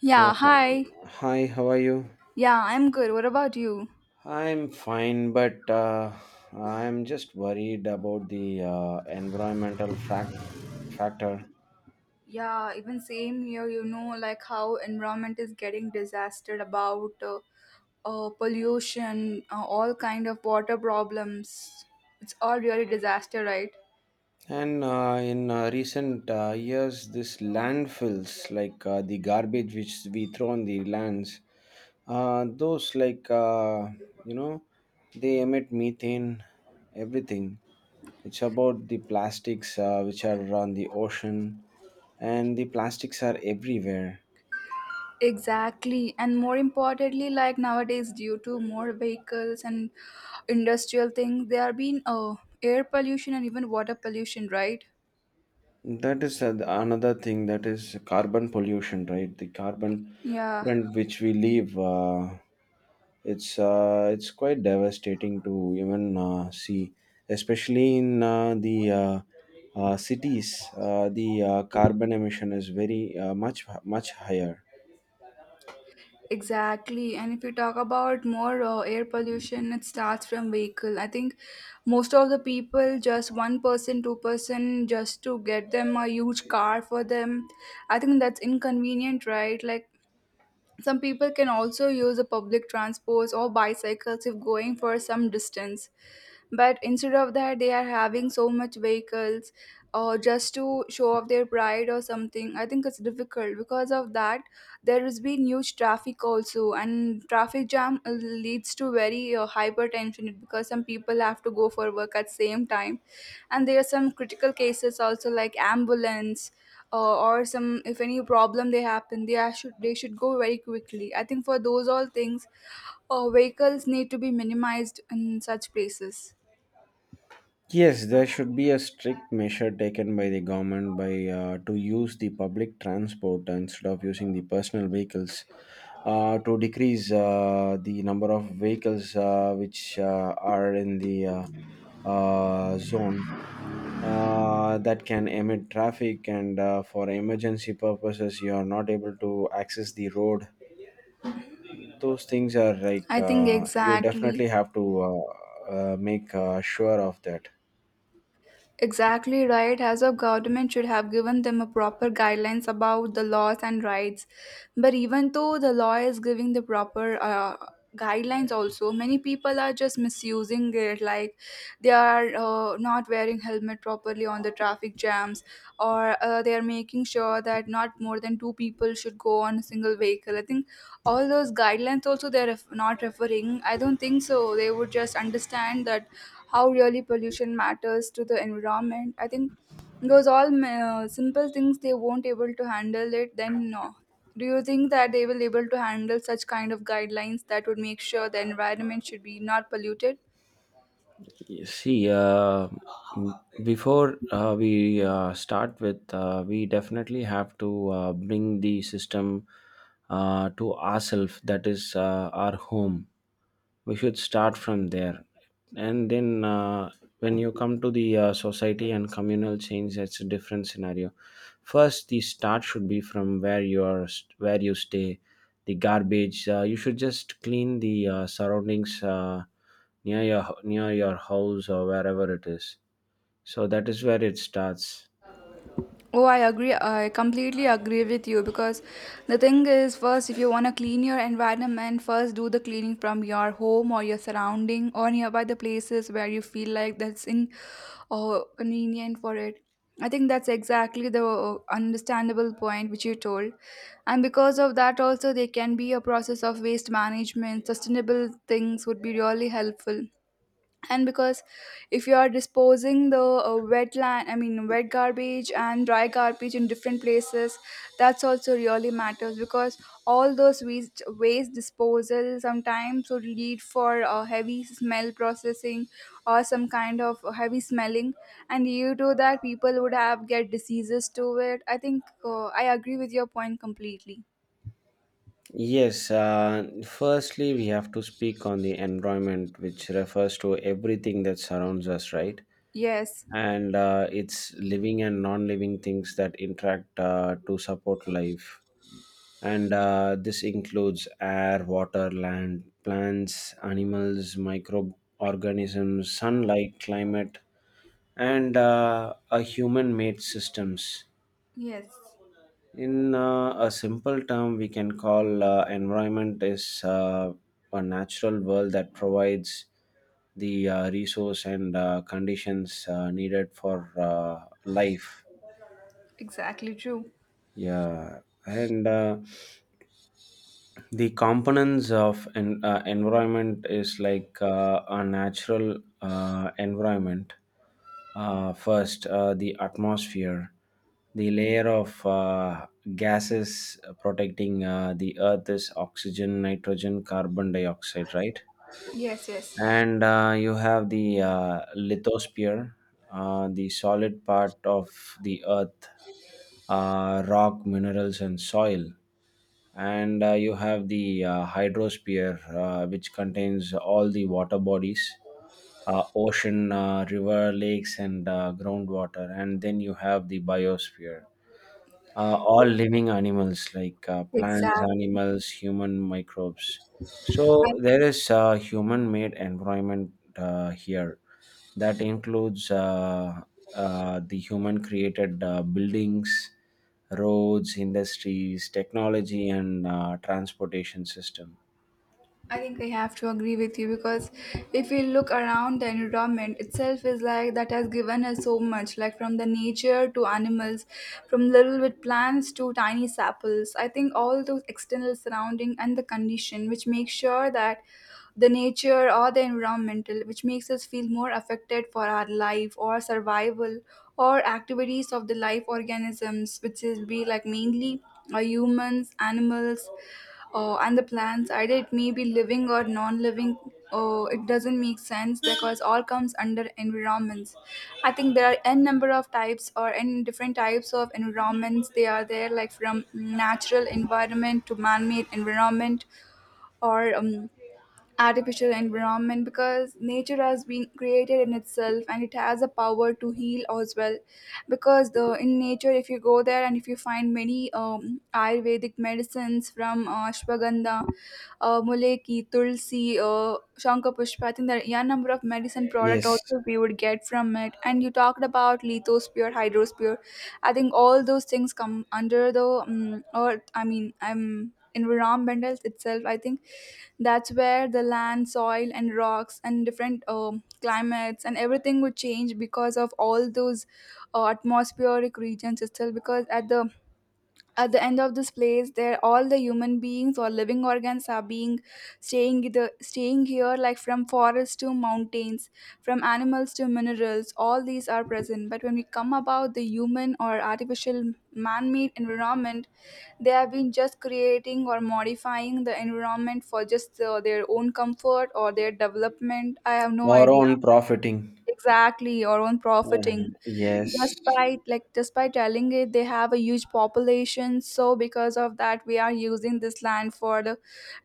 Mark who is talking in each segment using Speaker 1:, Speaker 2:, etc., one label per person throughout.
Speaker 1: Yeah,
Speaker 2: So,
Speaker 1: hi.
Speaker 2: hi, how are you?
Speaker 1: Yeah, I'm good. What about you?
Speaker 2: I'm fine, but I'm just worried about the environmental frac factor.
Speaker 1: Yeah, even same here, like how environment is getting disaster about pollution, all kind of water problems. It's all really disaster, right?
Speaker 2: And in recent years, this landfills, like the garbage which we throw on the lands, those like you know, they emit methane, everything. It's about the plastics which are on the ocean, and the plastics are everywhere.
Speaker 1: Exactly. And more importantly, like nowadays, due to more vehicles and industrial things, there have been air pollution and even water pollution, right?
Speaker 2: That is another thing, that is carbon pollution, right? The carbon
Speaker 1: Yeah.
Speaker 2: print which we leave, it's quite devastating to even see, especially in the cities. The carbon emission is very much higher.
Speaker 1: Exactly. And if you talk about more air pollution, it starts from vehicle. I think most of the people, just one person, two-person, just to get them a huge car for them. I think that's inconvenient, right? Like some people can also use the public transports or bicycles if going for some distance, but instead of that they are having so much vehicles, or just to show off their pride or something. I think it's difficult because of that there has been huge traffic also, and traffic jam leads to very hypertension, because some people have to go for work at same time, and there are some critical cases also like ambulance, or some, if any problem they happen, they should go very quickly. I think for those all things, vehicles need to be minimized in such places.
Speaker 2: Yes, there should be a strict measure taken by the government, by to use the public transport instead of using the personal vehicles, to decrease the number of vehicles which are in the zone, that can emit traffic, and for emergency purposes you are not able to access the road. Those things are like,
Speaker 1: I think
Speaker 2: you definitely
Speaker 1: exactly,
Speaker 2: have to make sure of that.
Speaker 1: exactly right. As a government should have given them a proper guidelines about the laws and rights. But even though the law is giving the proper guidelines, also many people are just misusing it. Like they are not wearing helmet properly on the traffic jams, or they are making sure that not more than two people should go on a single vehicle. I think all those guidelines also they are not referring. I don't think so. They would just understand that how really pollution matters to the environment. I think those all simple things they won't able to handle it. Then no. Do you think that they will able to handle such kind of guidelines that would make sure the environment should be not polluted?
Speaker 2: See, before we start with, we definitely have to bring the system to ourselves, that is our home. We should start from there. And then, when you come to the society and communal change, that's a different scenario. First, the start should be from where you are, where you stay, the garbage. You should just clean the surroundings, near your house or wherever it is, so that is where it starts.
Speaker 1: Oh, I agree. I completely agree with you because the thing is, first, if you want to clean your environment, first do the cleaning from your home or your surrounding or nearby the places where you feel like that's in or convenient for it. I think that's exactly the understandable point which you told. And because of that, also, there can be a process of waste management. Sustainable things would be really helpful, and because if you are disposing the wetland, I mean wet garbage and dry garbage in different places, that's also really matters because all those waste disposal sometimes would lead for heavy smell processing or some kind of heavy smelling, and due to that people would have get diseases to it. I think I agree with your point completely.
Speaker 2: Yes, firstly we have to speak on the environment, which refers to everything that surrounds us, right?
Speaker 1: Yes,
Speaker 2: And it's living and non-living things that interact to support life, and this includes air, water, land, plants, animals, microorganisms, sunlight, climate, and human made systems.
Speaker 1: yes.
Speaker 2: In a simple term, we can call environment is a natural world that provides the resource and conditions needed for life.
Speaker 1: Exactly true.
Speaker 2: Yeah, and the components of en environment is like a natural environment. First, the atmosphere, the layer of gases protecting the earth, is oxygen, nitrogen, carbon dioxide, right?
Speaker 1: Yes, yes.
Speaker 2: And you have the lithosphere, the solid part of the earth, rock, minerals, and soil. And you have the hydrosphere, which contains all the water bodies, ocean, river, lakes, and groundwater. And then you have the biosphere, all living animals like plants,
Speaker 1: Exactly.
Speaker 2: animals, human microbes. So there is a human-made environment here that includes the human-created buildings, roads, industries, technology, and transportation system.
Speaker 1: I think I have to agree with you because if we look around, the environment itself is like that has given us so much, like from the nature to animals, from little bit plants to tiny saplings. I think all those external surrounding and the condition which makes sure that the nature or the environmental which makes us feel more affected for our life or survival or activities of the life organisms which is be like mainly humans animals, and the plants, either it may be living or non-living, it doesn't make sense because all comes under environments. I think there are n number of types or n different types of environments they are there, like from natural environment to man-made environment, or artificial environment, because nature has been created in itself and it has a power to heal as well. Because the in nature if you go there and if you find many ayurvedic medicines, from ashwagandha, muleki tulsi, shankapushpa, I think there are a number of medicine product
Speaker 2: Yes,
Speaker 1: also we would get from it. And you talked about lithosphere, hydrosphere. I think all those things come under the earth, I mean I'm environmental itself. I think that's where the land, soil and rocks and different climates and everything would change because of all those atmospheric regions, still because at the end of this place, there all the human beings or living organs are being staying the staying here like from forests to mountains, from animals to minerals. All these are present. But when we come about the human or artificial man-made environment, they have been just creating or modifying the environment for just their own comfort or their development. I have no
Speaker 2: or
Speaker 1: idea.
Speaker 2: on profiting.
Speaker 1: Exactly, or on
Speaker 2: Uh,
Speaker 1: profiting.
Speaker 2: yes,
Speaker 1: Just by telling it they have a huge population, so because of that we are using this land for the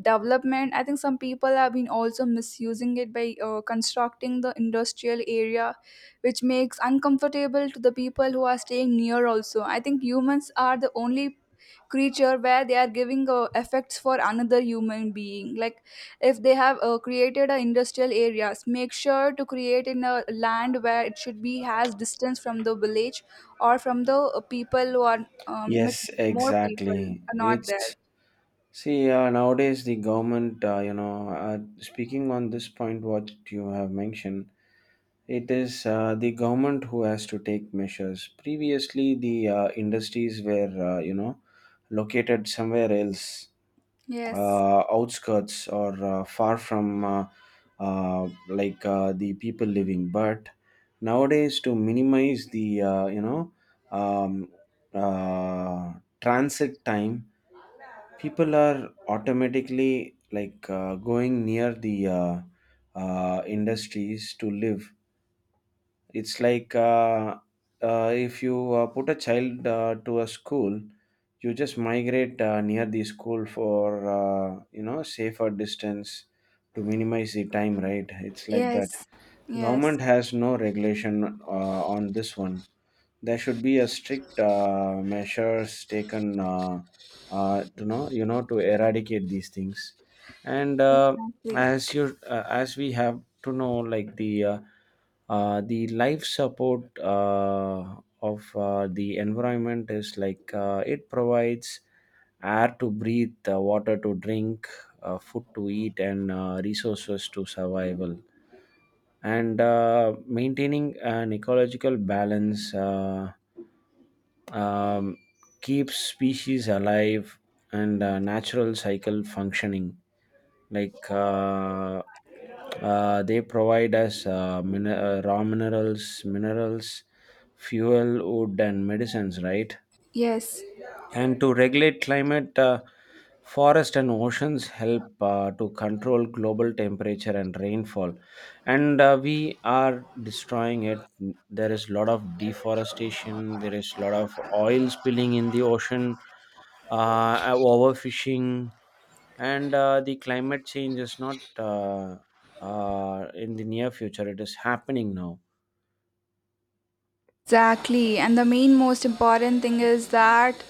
Speaker 1: development. I think some people have been also misusing it by constructing the industrial area, which makes uncomfortable to the people who are staying near also. I think humans are the only creature where they are giving effects for another human being, like if they have created a industrial areas, make sure to create in a land where it should be has distance from the village or from the people who are
Speaker 2: yes,
Speaker 1: more people
Speaker 2: exactly.
Speaker 1: are not there.
Speaker 2: It's... See, nowadays the government, speaking on this point, what you have mentioned, it is the government who has to take measures. Previously, the industries were, located somewhere else,
Speaker 1: Yes.
Speaker 2: outskirts or far from the people living. But nowadays, to minimize the, um, uh, transit time, people are automatically like going near the industries to live. It's like if you put a child to a school, you just migrate near the school for safer distance, to minimize the time, right? It's like that.
Speaker 1: Yes. Yes,
Speaker 2: Government has no regulation on this one. There should be a strict measures taken to know, to eradicate these things. And
Speaker 1: exactly.
Speaker 2: as we have to know, like the life support of the environment is like, it provides air to breathe, water to drink, food to eat, and resources to survival, and maintaining an ecological balance um, keeps species alive and natural cycle functioning, like they provide us raw minerals, fuel, wood, and medicines, right?
Speaker 1: Yes.
Speaker 2: And to regulate climate, forest and oceans help to control global temperature and rainfall. And we are destroying it. There is a lot of deforestation. There is a lot of oil spilling in the ocean, overfishing, and the climate change is not in the near future. It is happening now.
Speaker 1: Exactly, and the main most important thing is that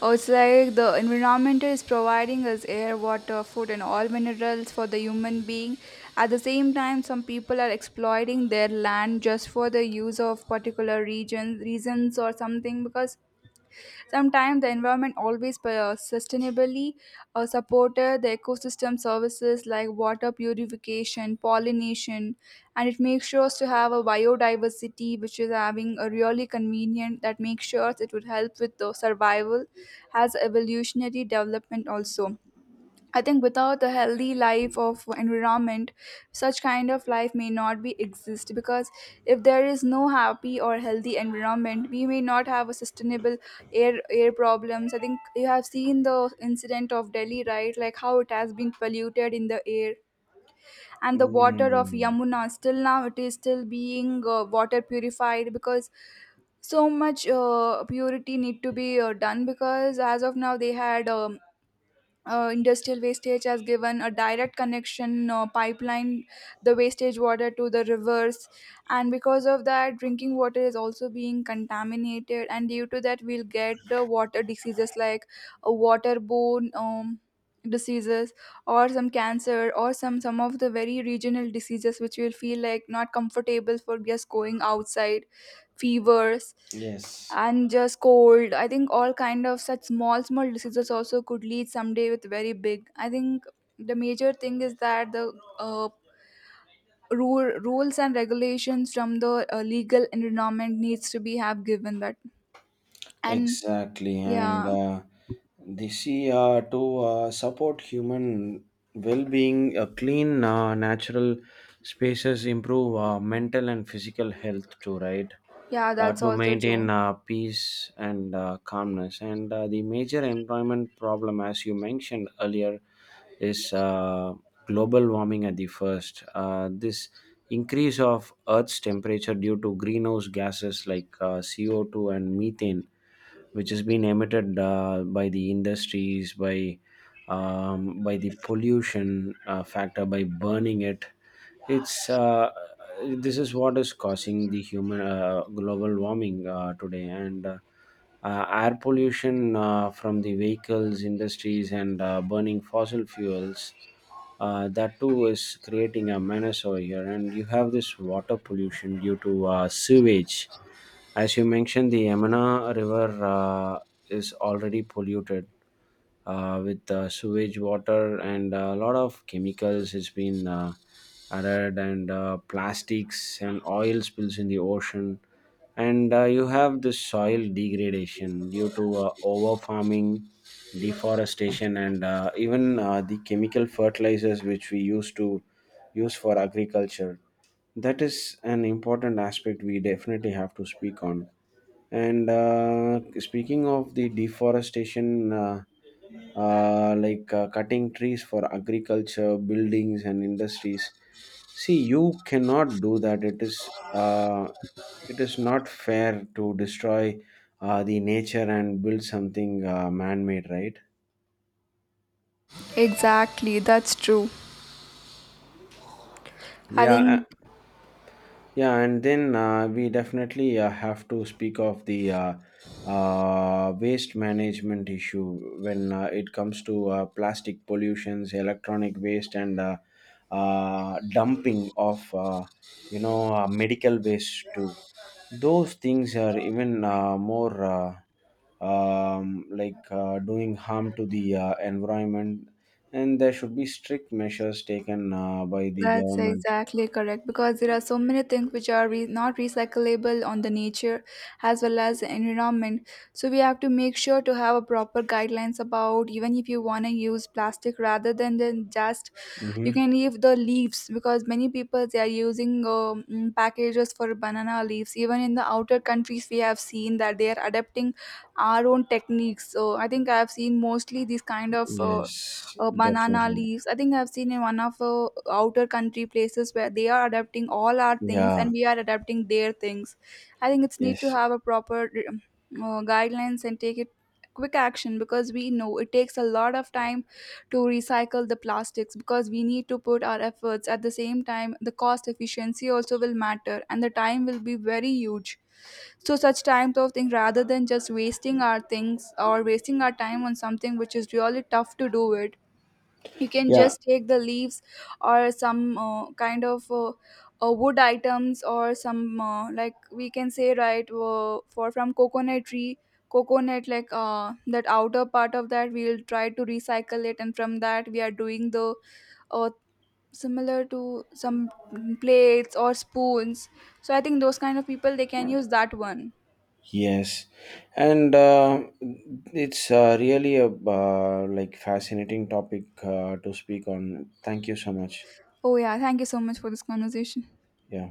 Speaker 1: it's like the environment is providing us air, water, food, and all minerals for the human being. At the same time, some people are exploiting their land just for the use of particular regions, reasons, or something. Because sometimes the environment always sustainably supported the ecosystem services, like water purification, pollination, and it makes sure to have a biodiversity which is having a really convenient, that makes sure it would help with the survival as evolutionary development also. I think without a healthy life of environment, such kind of life may not be exist. Because if there is no happy or healthy environment, we may not have a sustainable air problems. I think you have seen the incident of Delhi, right? Like how it has been polluted in the air and the water of
Speaker 2: Mm,
Speaker 1: Yamuna. Still now, it is still being water purified because so much purity need to be done. Because as of now they had industrial wastage has given a direct connection pipeline, the wastage water to the rivers, and because of that drinking water is also being contaminated, and due to that we'll get the water diseases, like waterborne diseases, or some cancer, or some of the very regional diseases which will feel like not comfortable for just going outside, fevers,
Speaker 2: yes.
Speaker 1: and just cold. I think all kind of such small small diseases also could lead someday with very big. I think the major thing is that the uh, rules and regulations from the legal environment needs to be have given that, and
Speaker 2: Exactly, and
Speaker 1: yeah.
Speaker 2: the sea to support human well-being, clean natural spaces improve mental and physical health too, right?
Speaker 1: Yeah,
Speaker 2: uh,
Speaker 1: that's
Speaker 2: to
Speaker 1: also true.
Speaker 2: maintain peace and calmness. And the major environment problem, as you mentioned earlier, is global warming at the first. This increase of Earth's temperature due to greenhouse gases like CO2 and methane, which has been emitted by the industries, by the pollution factor, by burning it. It's uh, this is what is causing the human global warming today. And air pollution from the vehicles, industries, and burning fossil fuels, that too is creating a menace over here. And you have this water pollution due to sewage. As you mentioned, the Yamuna river is already polluted with sewage water, and a lot of chemicals has been added, and plastics and oil spills in the ocean. And you have the soil degradation due to over farming, deforestation, and even the chemical fertilizers which we used to use for agriculture. That is an important aspect we definitely have to speak on. And speaking of the deforestation, like cutting trees for agriculture, buildings, and industries, see, you cannot do that. It is it is not fair to destroy the nature and build something man-made, right?
Speaker 1: Exactly, that's true. I
Speaker 2: Yeah.
Speaker 1: think
Speaker 2: Yeah, and then we definitely have to speak of the waste management issue, when it comes to plastic pollutions, electronic waste, and dumping of medical waste too. Those things are even more like doing harm to the environment, and there should be strict measures taken by the
Speaker 1: that's
Speaker 2: government.
Speaker 1: exactly correct because there are so many things which are not recyclable on the nature as well as the environment. So we have to make sure to have a proper guidelines about, even if you want to use plastic rather than then just,
Speaker 2: Hmm.
Speaker 1: you can leave the leaves, because many people they are using packages for banana leaves. Even in the outer countries, we have seen that they are adapting our own techniques. So I think I have seen mostly these kind of. Uh,
Speaker 2: Yes,
Speaker 1: uh, banana
Speaker 2: definitely.
Speaker 1: leaves. I think I've seen in one of outer country places where they are adapting all our things
Speaker 2: Yeah,
Speaker 1: and we are adapting their things. I think it's need to
Speaker 2: yes,
Speaker 1: have a proper guidelines and take it quick action, because we know it takes a lot of time to recycle the plastics. Because we need to put our efforts, at the same time the cost efficiency also will matter, and the time will be very huge. So such type of thing, rather than just wasting our things or wasting our time on something which is really tough to do it, you can
Speaker 2: yeah,
Speaker 1: just take the leaves, or some kind of wood items, or some like we can say, right, for from coconut tree, coconut, like that outer part of that we'll try to recycle it, and from that we are doing the uh, similar to some plates or spoons. So I think those kind of people they can use that one.
Speaker 2: yes, and it's really a like fascinating topic to speak on. Thank you so much.
Speaker 1: Oh yeah, thank you so much for this conversation.
Speaker 2: Yeah.